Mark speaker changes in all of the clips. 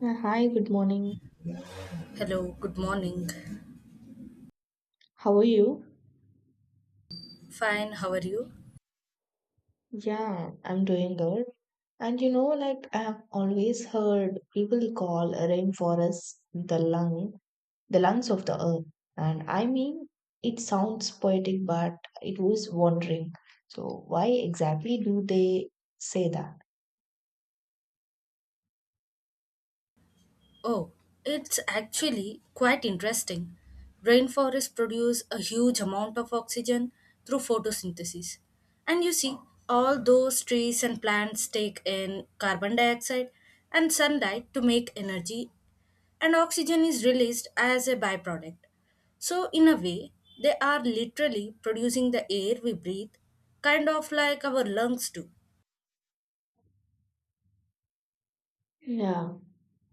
Speaker 1: Hi, good morning.
Speaker 2: Hello, good morning.
Speaker 1: How are you?
Speaker 2: Fine, how are you?
Speaker 1: Yeah, I'm doing good. And you know, like I've always heard people call a rainforest the lungs of the earth. And I mean, it sounds poetic, but it was wondering. So why exactly do they say that?
Speaker 2: Oh, it's actually quite interesting. Rainforests produce a huge amount of oxygen through photosynthesis. And you see, all those trees and plants take in carbon dioxide and sunlight to make energy, and oxygen is released as a byproduct. So, in a way, they are literally producing the air we breathe, kind of like our lungs do.
Speaker 1: Yeah,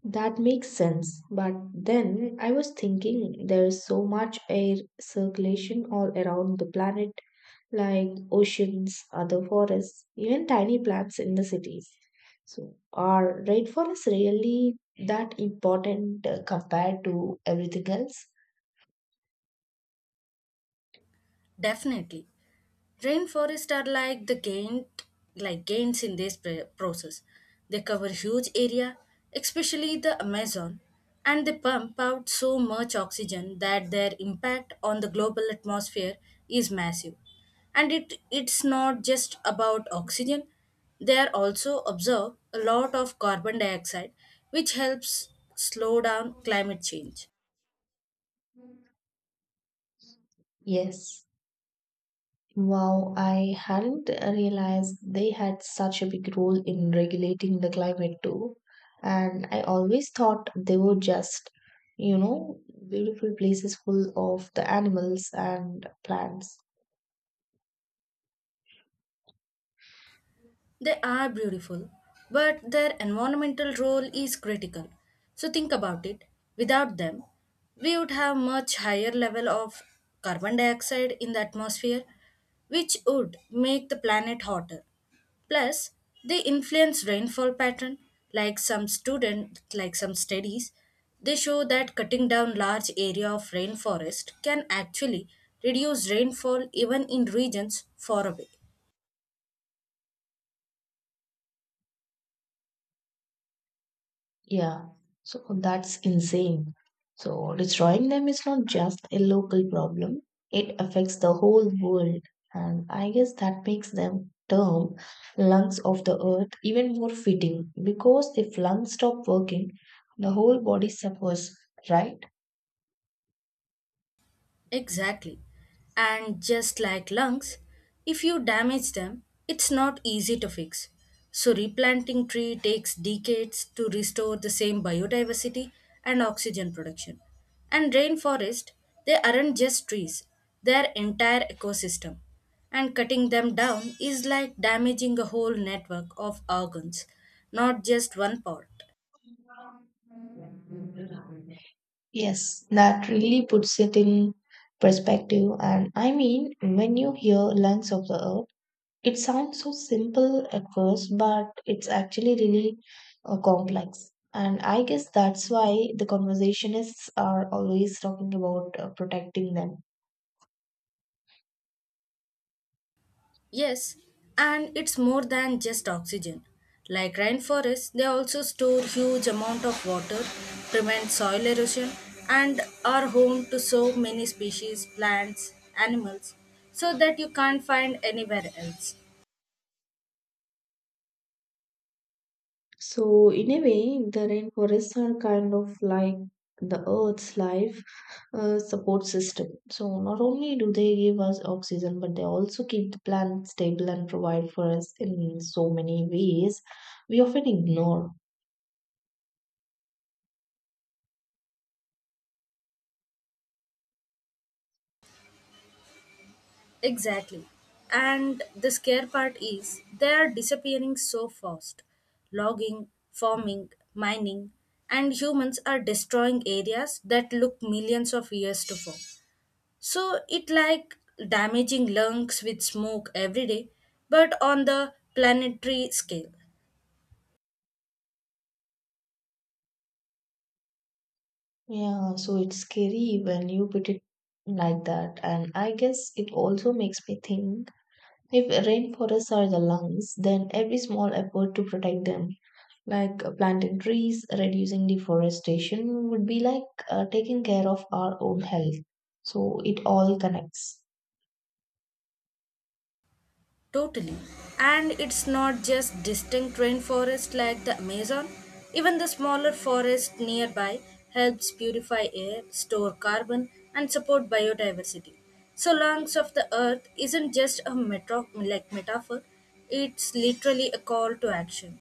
Speaker 1: that makes sense. But then I was thinking there is so much air circulation all around the planet like oceans, other forests, even tiny plants in the cities. So, are rainforests really that important compared to everything else?
Speaker 2: Definitely. Rainforests are like gains in this process. They cover huge area, especially the Amazon, and they pump out so much oxygen that their impact on the global atmosphere is massive. And it's not just about oxygen. They are also absorb a lot of carbon dioxide, which helps slow down climate change.
Speaker 1: Yes. Wow, I hadn't realized they had such a big role in regulating the climate too. And I always thought they were just, you know, beautiful places full of the animals and plants.
Speaker 2: They are beautiful, but their environmental role is critical. So think about it. Without them, we would have much higher level of carbon dioxide in the atmosphere, which would make the planet hotter. Plus, they influence rainfall pattern. Like some studies, they show that cutting down large area of rainforest can actually reduce rainfall even in regions far away.
Speaker 1: Yeah, so that's insane. So destroying them is not just a local problem, it affects the whole world. And I guess that makes them term lungs of the earth even more fitting because if lungs stop working, the whole body suffers, right?
Speaker 2: Exactly. And just like lungs, if you damage them, it's not easy to fix. So replanting tree takes decades to restore the same biodiversity and oxygen production. And rainforest, they aren't just trees, they're entire ecosystem. And cutting them down is like damaging a whole network of organs, not just one part.
Speaker 1: Yes, that really puts it in perspective. And I mean, when you hear lungs of the earth, it sounds so simple at first, but it's actually really complex. And I guess that's why the conversationists are always talking about protecting them.
Speaker 2: Yes, and it's more than just oxygen. Like rainforests, they also store huge amount of water, prevent soil erosion, and are home to so many species, plants, animals, so that you can't find anywhere else.
Speaker 1: So, in a way, the rainforests are kind of like the Earth's life support system. So, not only do they give us oxygen, but they also keep the planet stable and provide for us in so many ways we often ignore.
Speaker 2: Exactly. And the scare part is they are disappearing so fast. Logging, farming, mining, and humans are destroying areas that look millions of years to form. So it like damaging lungs with smoke every day, but on the planetary scale,
Speaker 1: Yeah, so it's scary when you put it like that. And I guess it also makes me think if rainforests are the lungs, then every small effort to protect them, like planting trees, reducing deforestation, would be like taking care of our own health. So it all connects.
Speaker 2: totally. And it's not just distinct rainforest like the Amazon. Even the smaller forest nearby helps purify air, store carbon, and support biodiversity. So lungs of the earth isn't just a metaphor; it's literally a call to action.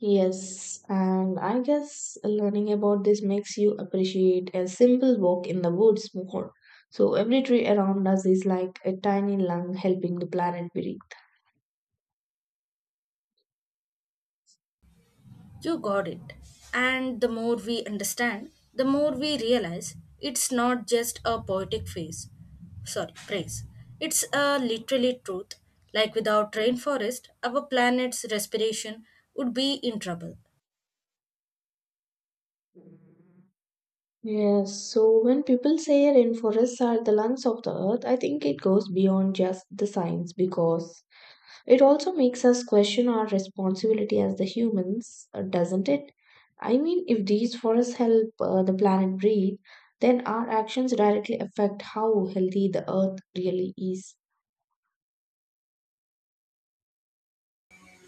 Speaker 1: Yes, and I guess learning about this makes you appreciate a simple walk in the woods more. So every tree around us is like a tiny lung helping the planet breathe.
Speaker 2: You got it. And the more we understand, the more we realize it's not just a poetic phrase. Sorry, praise. It's a literally truth. Like without rainforest, our planet's respiration would be in trouble.
Speaker 1: Yes, so when people say rainforests are the lungs of the earth, I think it goes beyond just the science because it also makes us question our responsibility as the humans, doesn't it? I mean, if these forests help the planet breathe, then our actions directly affect how healthy the earth really is.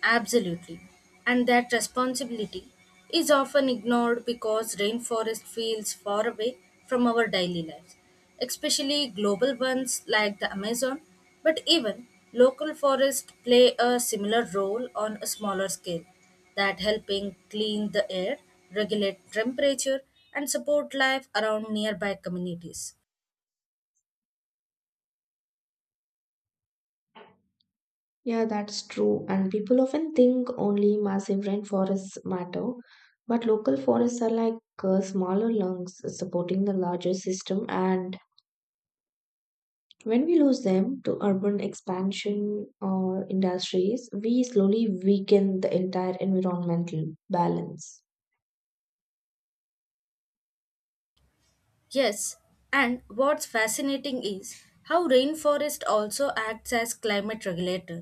Speaker 2: Absolutely. And that responsibility is often ignored because rainforest feels far away from our daily lives, especially global ones like the Amazon, but even local forests play a similar role on a smaller scale, that helping clean the air, regulate temperature and support life around nearby communities.
Speaker 1: Yeah, that's true. And people often think only massive rainforests matter, but local forests are like smaller lungs supporting the larger system. And when we lose them to urban expansion or industries, we slowly weaken the entire environmental balance.
Speaker 2: Yes, and what's fascinating is how rainforest also acts as climate regulator.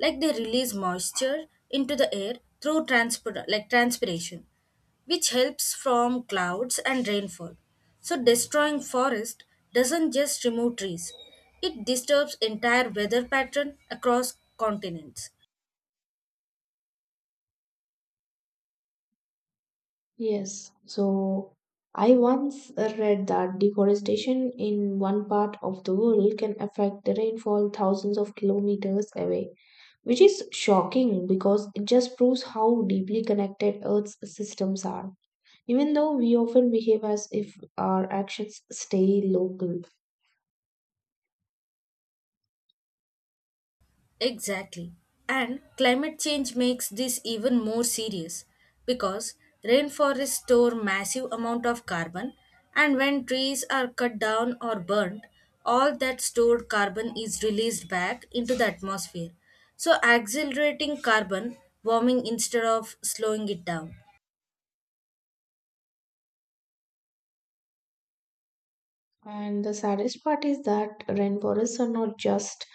Speaker 2: Like they release moisture into the air through transpiration, which helps from clouds and rainfall. So destroying forest doesn't just remove trees, it disturbs entire weather pattern across continents.
Speaker 1: Yes. So I once read that deforestation in one part of the world can affect the rainfall thousands of kilometers away, which is shocking because it just proves how deeply connected Earth's systems are, even though we often behave as if our actions stay local.
Speaker 2: Exactly. And climate change makes this even more serious because rainforests store massive amount of carbon and when trees are cut down or burnt, all that stored carbon is released back into the atmosphere. So accelerating carbon warming instead of slowing it down.
Speaker 1: And the saddest part is that rainforests are not just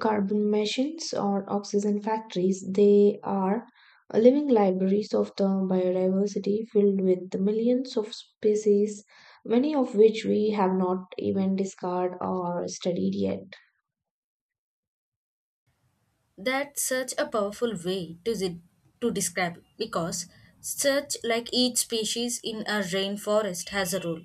Speaker 1: carbon machines or oxygen factories, they are living libraries of the biodiversity filled with millions of species, many of which we have not even discovered or studied yet.
Speaker 2: That's such a powerful way to describe it because such like each species in a rainforest has a role,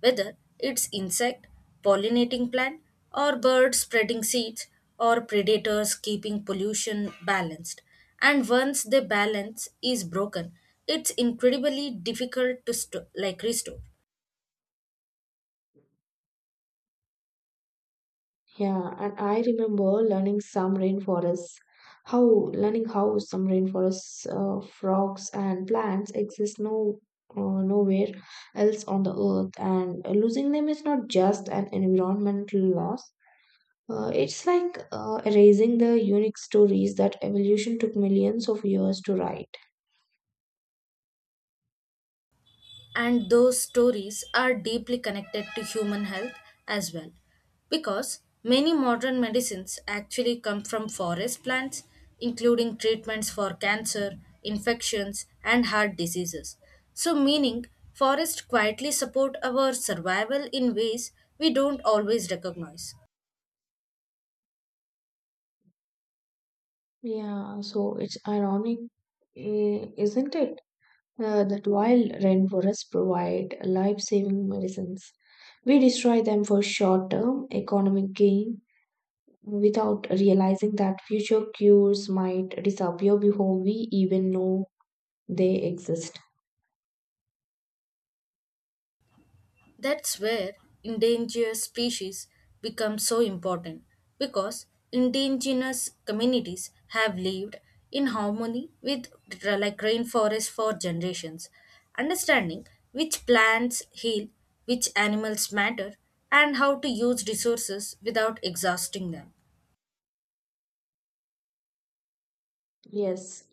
Speaker 2: whether it's insect, pollinating plant, or bird spreading seeds, or predators keeping pollution balanced. And once the balance is broken, it's incredibly difficult to restore.
Speaker 1: Yeah, and I remember learning some rainforests, how learning how some rainforests, frogs and plants exist no nowhere else on the earth, and losing them is not just an environmental loss. It's like erasing the unique stories that evolution took millions of years to write.
Speaker 2: And those stories are deeply connected to human health as well because many modern medicines actually come from forest plants including treatments for cancer infections and heart diseases so meaning forests quietly support our survival in ways we don't always recognize.
Speaker 1: Yeah, so it's ironic, eh, isn't it? That wild rainforests provide life saving medicines, we destroy them for short term economic gain without realizing that future cures might disappear before we even know they exist.
Speaker 2: That's where endangered species become so important because indigenous communities have lived in harmony with rainforest for generations. Understanding which plants heal, which animals matter, and how to use resources without exhausting them.
Speaker 1: Yes,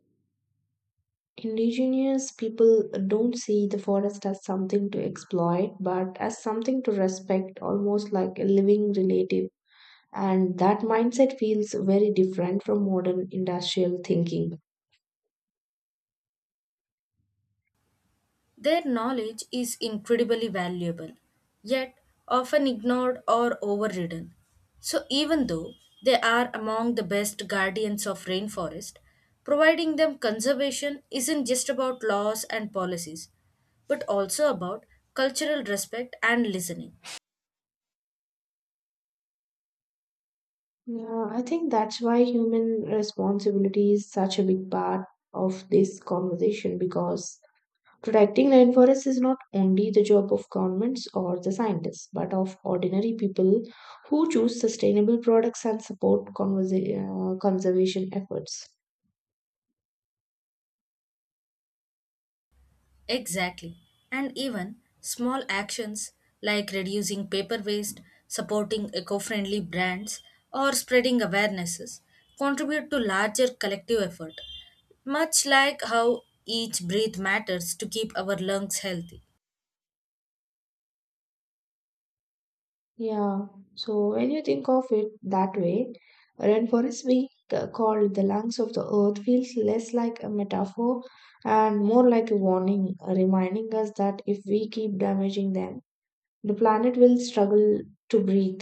Speaker 1: indigenous people don't see the forest as something to exploit but as something to respect, almost like a living relative. And that mindset feels very different from modern industrial thinking.
Speaker 2: Their knowledge is incredibly valuable, yet often ignored or overridden. So, even though they are among the best guardians of rainforest, providing them conservation isn't just about laws and policies, but also about cultural respect and listening.
Speaker 1: Yeah, I think that's why human responsibility is such a big part of this conversation because protecting rainforests is not only the job of governments or the scientists, but of ordinary people who choose sustainable products and support conservation efforts.
Speaker 2: Exactly. And even small actions like reducing paper waste, supporting eco friendly brands, or spreading awarenesses contribute to larger collective effort, much like how each breath matters to keep our lungs healthy.
Speaker 1: Yeah, so when you think of it that way, rainforest being called the lungs of the earth feels less like a metaphor and more like a warning, reminding us that if we keep damaging them, the planet will struggle to breathe.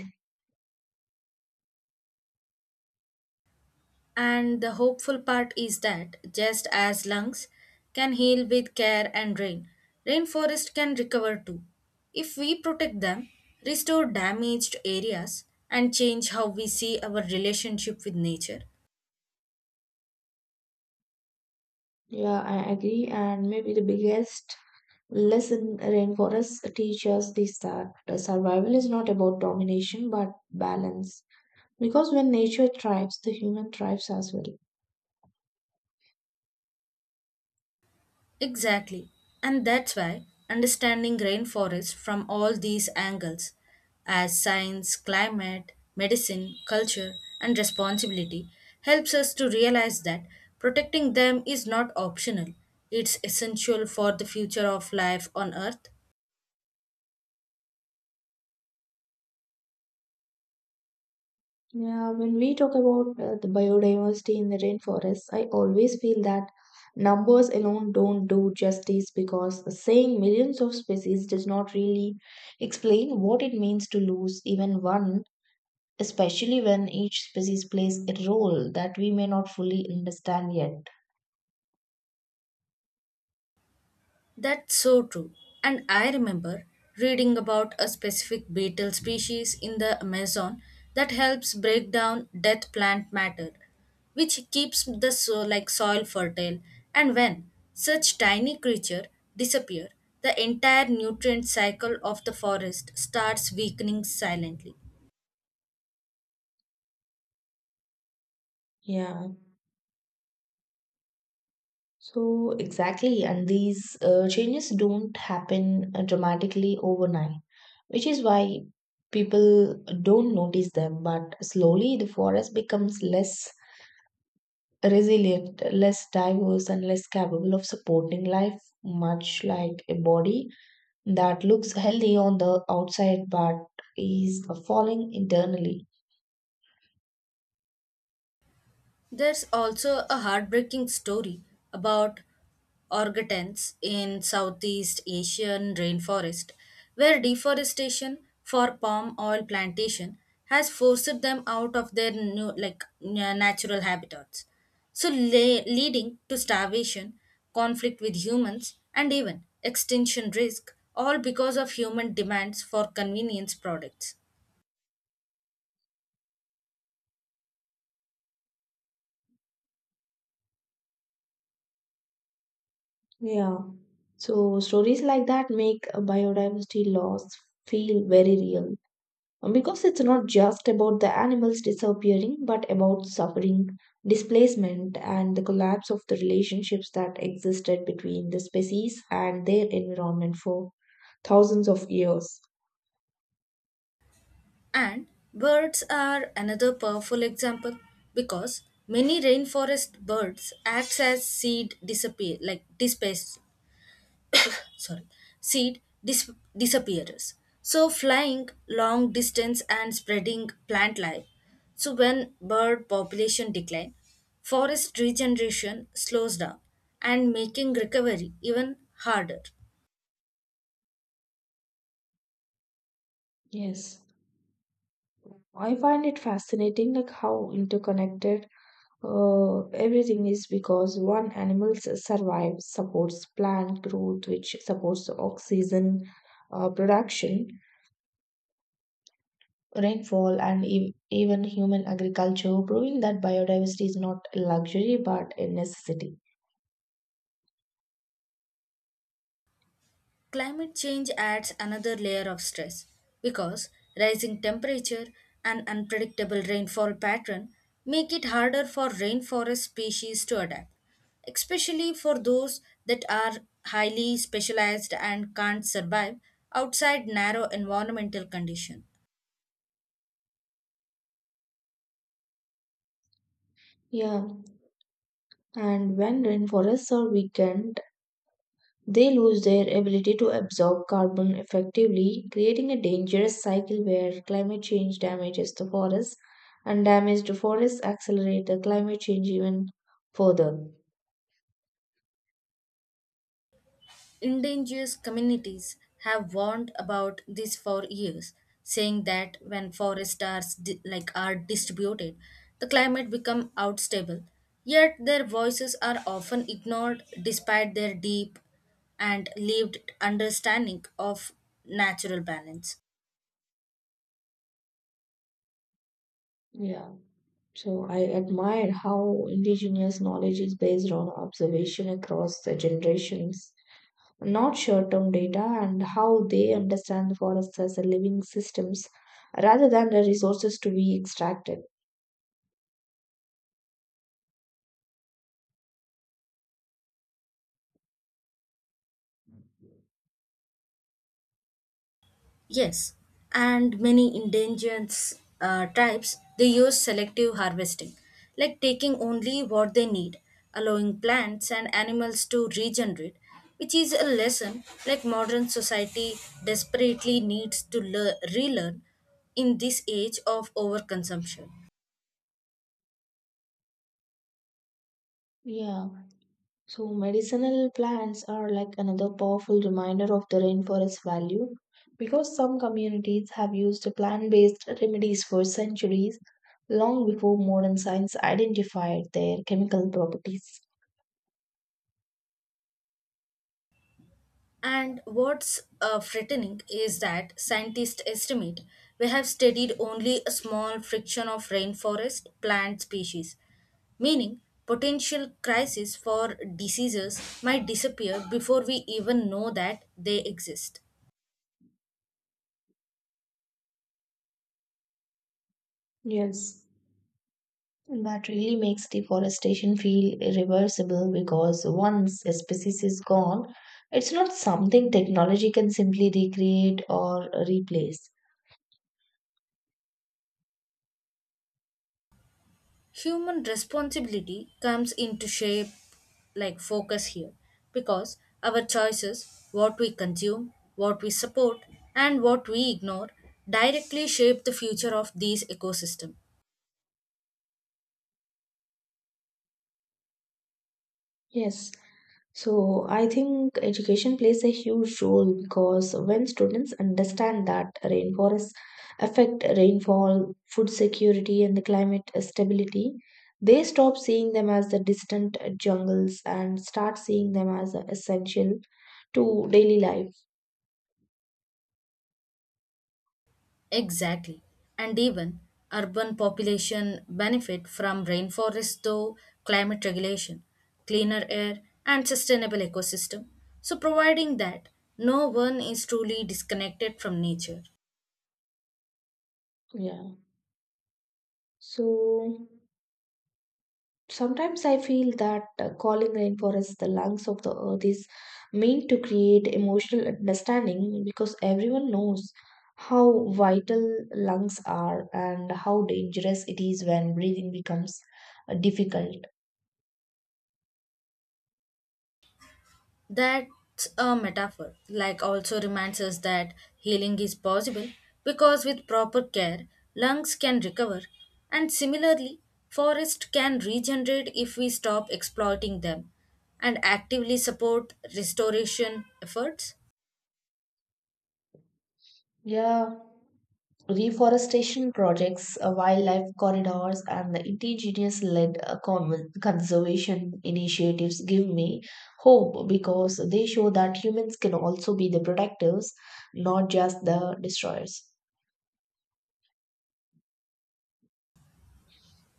Speaker 2: And the hopeful part is that just as lungs can heal with care and rain, rainforest can recover too. If we protect them, restore damaged areas, and change how we see our relationship with nature,
Speaker 1: Yeah, I agree. And maybe the biggest lesson rainforests teach us is that survival is not about domination but balance, because when nature thrives, the human thrives as well.
Speaker 2: exactly. And that's why understanding rainforests from all these angles, as science, climate, medicine, culture, and responsibility, helps us to realize that protecting them is not optional. It's essential for the future of life on Earth.
Speaker 1: Yeah, when we talk about the biodiversity in the rainforest, I always feel that numbers alone don't do justice because saying millions of species does not really explain what it means to lose even one, especially when each species plays a role that we may not fully understand yet.
Speaker 2: That's so true. And I remember reading about a specific beetle species in the Amazon that helps break down dead plant matter, which keeps the soil fertile. And when such tiny creature disappear, the entire nutrient cycle of the forest starts weakening silently.
Speaker 1: Yeah. So, exactly, and these changes don't happen dramatically overnight, which is why people don't notice them. But slowly, the forest becomes less resilient, less diverse, and less capable of supporting life, much like a body that looks healthy on the outside but is falling internally.
Speaker 2: There's also a heartbreaking story about orangutans in Southeast Asian rainforest, where deforestation for palm oil plantation has forced them out of their natural habitats, so leading to starvation, conflict with humans, and even extinction risk, all because of human demands for convenience products.
Speaker 1: Yeah. So, stories like that make biodiversity loss feel very real. Because it's not just about the animals disappearing but about suffering displacement and the collapse of the relationships that existed between the species and their environment for thousands of years.
Speaker 2: And birds are another powerful example because many rainforest birds act as seed disappear like dispace sorry seed dis- disappearers. So flying long distance and spreading plant life. So when bird population decline, forest regeneration slows down and making recovery even harder.
Speaker 1: Yes, I find it fascinating like how interconnected everything is because one animal survives supports plant growth which supports oxygen production, rainfall, and even human agriculture, proving that biodiversity is not a luxury but a necessity.
Speaker 2: Climate change adds another layer of stress because rising temperature and unpredictable rainfall pattern make it harder for rainforest species to adapt, especially for those that are highly specialized and can't survive outside narrow environmental conditions.
Speaker 1: Yeah, and when rainforests are weakened, they lose their ability to absorb carbon effectively, creating a dangerous cycle where climate change damages the forests and damaged forests accelerate the climate change even further.
Speaker 2: Indigenous communities have warned about this for years, saying that when forests are distributed, the climate become unstable. Yet their voices are often ignored despite their deep and lived understanding of natural balance.
Speaker 1: Yeah, so I admire how indigenous knowledge is based on observation across the generations, not short-term data, and how they understand the forests as a living systems rather than the resources to be extracted.
Speaker 2: Yes, and many endangered tribes they use selective harvesting, like taking only what they need, allowing plants and animals to regenerate, which is a lesson like modern society desperately needs to relearn in this age of overconsumption.
Speaker 1: Yeah, so medicinal plants are like another powerful reminder of the rainforest value because some communities have used plant-based remedies for centuries long before modern science identified their chemical properties.
Speaker 2: And what's frightening is that scientists estimate we have studied only a small fraction of rainforest plant species, meaning potential crises for diseases might disappear before we even know that they exist.
Speaker 1: Yes, that really makes deforestation feel irreversible because once a species is gone, it's not something technology can simply recreate or replace.
Speaker 2: Human responsibility comes into shape like focus here because our choices, what we consume, what we support, and what we ignore directly shape the future of these ecosystem.
Speaker 1: Yes, so I think education plays a huge role because when students understand that rainforests affect rainfall, food security, and the climate stability, they stop seeing them as the distant jungles and start seeing them as essential to daily life.
Speaker 2: Exactly. And even urban population benefit from rainforest though climate regulation, cleaner air and sustainable ecosystem. So providing that no one is truly disconnected from nature.
Speaker 1: Yeah. So sometimes I feel that calling rainforest the lungs of the earth is meant to create emotional understanding because everyone knows how vital lungs are and how dangerous it is when breathing becomes difficult.
Speaker 2: That's a metaphor, like also reminds us that healing is possible because with proper care, lungs can recover, and similarly, forests can regenerate if we stop exploiting them and actively support restoration efforts.
Speaker 1: Yeah, reforestation projects, wildlife corridors, and the indigenous led conservation initiatives give me hope because they show that humans can also be the protectors, not just the destroyers.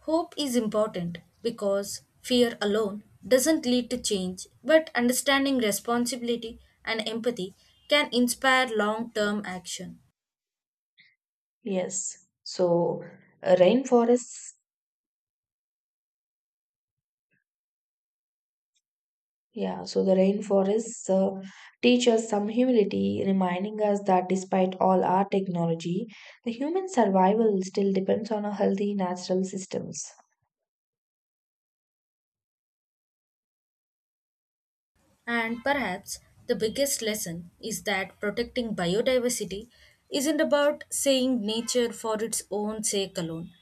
Speaker 2: Hope is important because fear alone doesn't lead to change, but understanding responsibility and empathy can inspire long term action.
Speaker 1: Yes. So uh, rainforests, yeah, so the rainforests teach us some humility, reminding us that despite all our technology, the human survival still depends on a healthy natural systems.
Speaker 2: And perhaps the biggest lesson is that protecting biodiversity isn't about saying nature for its own sake alone,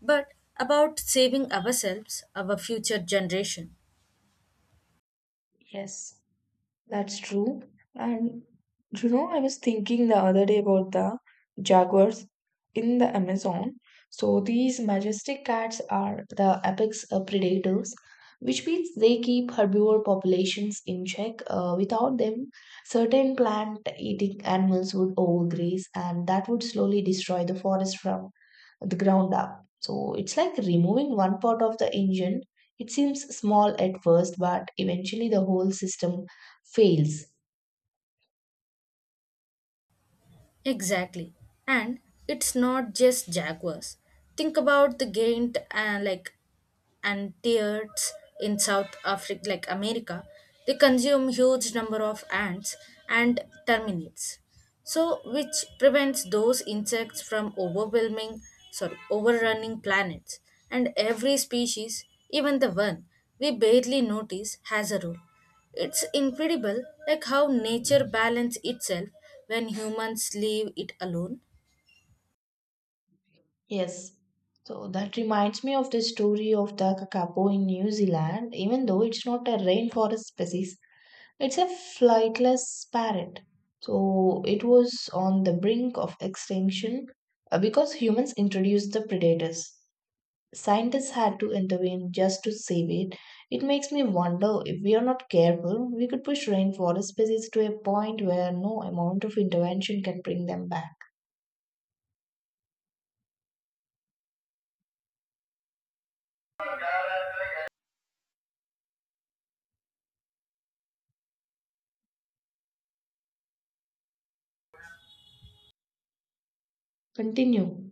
Speaker 2: but about saving ourselves, our future generation.
Speaker 1: Yes. That's true. And you know, I was thinking the other day about the jaguars in the Amazon. So these majestic cats are the apex predators, which means they keep herbivore populations in check. Without them, certain plant-eating animals would overgraze, and that would slowly destroy the forest from the ground up. So it's like removing one part of the engine. It seems small at first, but eventually the whole system fails.
Speaker 2: Exactly. And it's not just jaguars. Think about the giant, like and tears in South Africa, like America, they consume huge number of ants and termites. So, which prevents those insects from overrunning planets. And every species, even the one we barely notice, has a role. It's incredible like how nature balance itself when humans leave it alone.
Speaker 1: Yes. So that reminds me of the story of the kakapo in New Zealand. Even though it's not a rainforest species, it's a flightless parrot. So it was on the brink of extinction because humans introduced the predators. Scientists had to intervene just to save it. It makes me wonder if we are not careful, we could push rainforest species to a point where no amount of intervention can bring them back. Continue.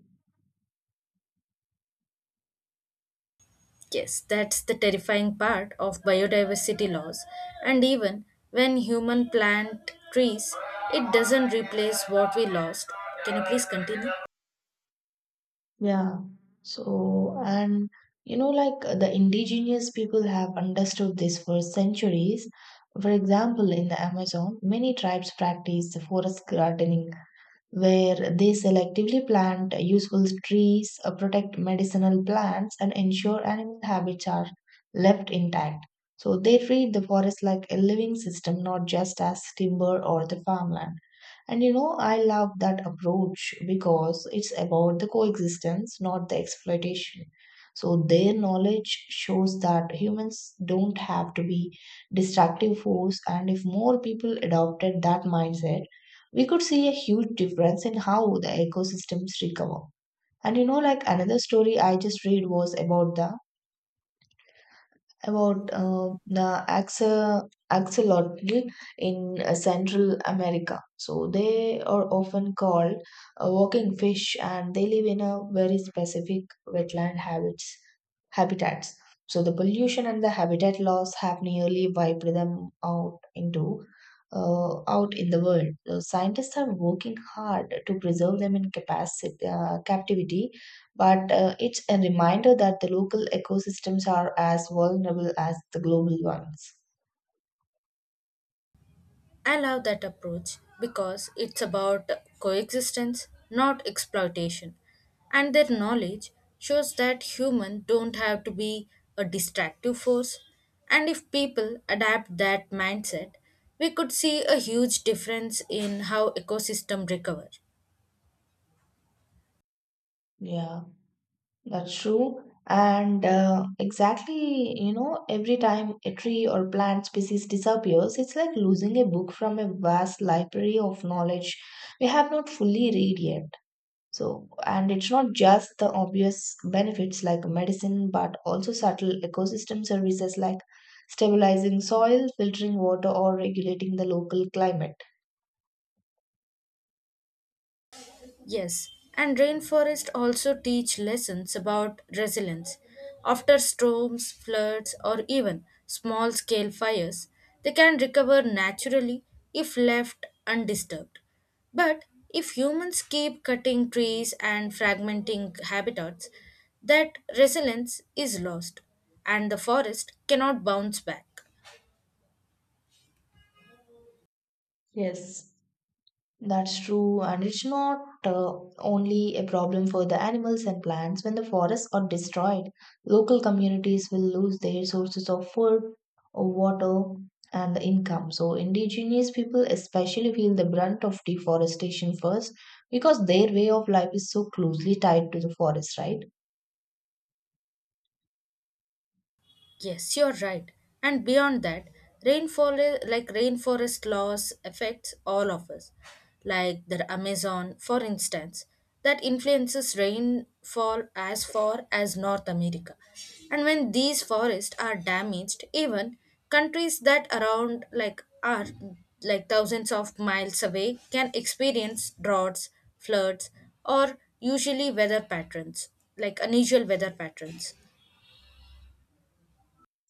Speaker 2: Yes, that's the terrifying part of biodiversity loss. And even when human plant trees, it doesn't replace what we lost. Can you please continue?
Speaker 1: Yeah. So, and you know, like the indigenous people have understood this for centuries. For example, in the Amazon, many tribes practice the forest gardening where they selectively plant useful trees, protect medicinal plants, and ensure animal habits are left intact. So they treat the forest like a living system, not just as timber or the farmland. And you know, I love that approach because it's about the coexistence, not the exploitation. So their knowledge shows that humans don't have to be destructive force, and if more people adopted that mindset, we could see a huge difference in how the ecosystems recover. And you know, like another story I just read was about the axolotl in Central America. So they are often called walking fish, and they live in a very specific wetland habits habitats. So the pollution and the habitat loss have nearly wiped them out into out in the world. So scientists are working hard to preserve them in captivity, but it's a reminder that the local ecosystems are as vulnerable as the global ones.
Speaker 2: I love that approach because it's about coexistence, not exploitation. And their knowledge shows that humans don't have to be a distractive force. And if people adapt that mindset, we could see a huge difference in how ecosystem recover.
Speaker 1: Yeah, that's true. And exactly, you know, every time a tree or plant species disappears, it's like losing a book from a vast library of knowledge we have not fully read yet. So, and it's not just the obvious benefits like medicine, but also subtle ecosystem services like stabilizing soil, filtering water, or regulating the local climate.
Speaker 2: Yes, and rainforest also teach lessons about resilience. After storms, floods, or even small scale fires, they can recover naturally if left undisturbed. But if humans keep cutting trees and fragmenting habitats, that resilience is lost and the forest cannot bounce back.
Speaker 1: Yes, that's true, and it's not uh, only a problem for the animals and plants. When the forests are destroyed, local communities will lose their sources of food, water, and the income. So, indigenous people especially feel the brunt of deforestation first because their way of life is so closely tied to the forest, right?
Speaker 2: Yes, you're right. And beyond that, rainforest loss affects all of us. Like the Amazon, for instance, that influences rainfall as far as North America. And when these forests are damaged, even countries that around like are like thousands of miles away can experience droughts, floods, or usually weather patterns, like unusual weather patterns.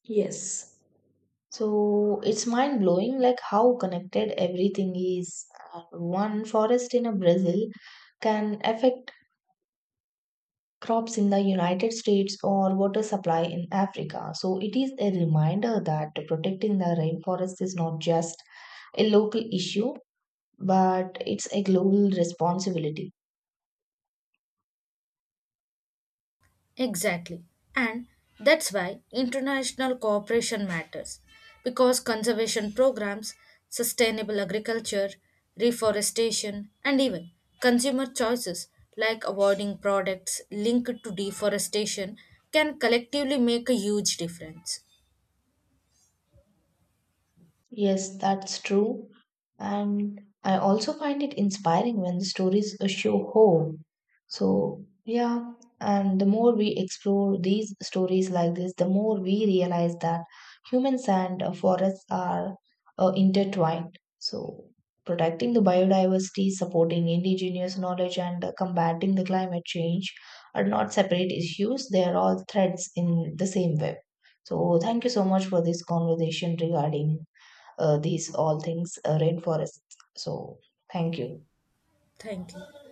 Speaker 1: Yes. So it's mind blowing, like how connected everything is. One forest in a Brazil can affect crops in the United States or water supply in Africa. So it is a reminder that protecting the rainforest is not just a local issue, but it's a global responsibility.
Speaker 2: Exactly. And that's why international cooperation matters because conservation programs, sustainable agriculture, reforestation, and even consumer choices like avoiding products linked to deforestation can collectively make a huge difference.
Speaker 1: Yes, that's true. And I also find it inspiring when the stories show hope. So, yeah, and the more we explore these stories like this, the more we realize that humans and forests are intertwined. So, protecting the biodiversity, supporting indigenous knowledge, and combating the climate change are not separate issues, they are all threads in the same web. So, thank you so much for this conversation regarding these all things rainforests, so thank you.
Speaker 2: Thank you.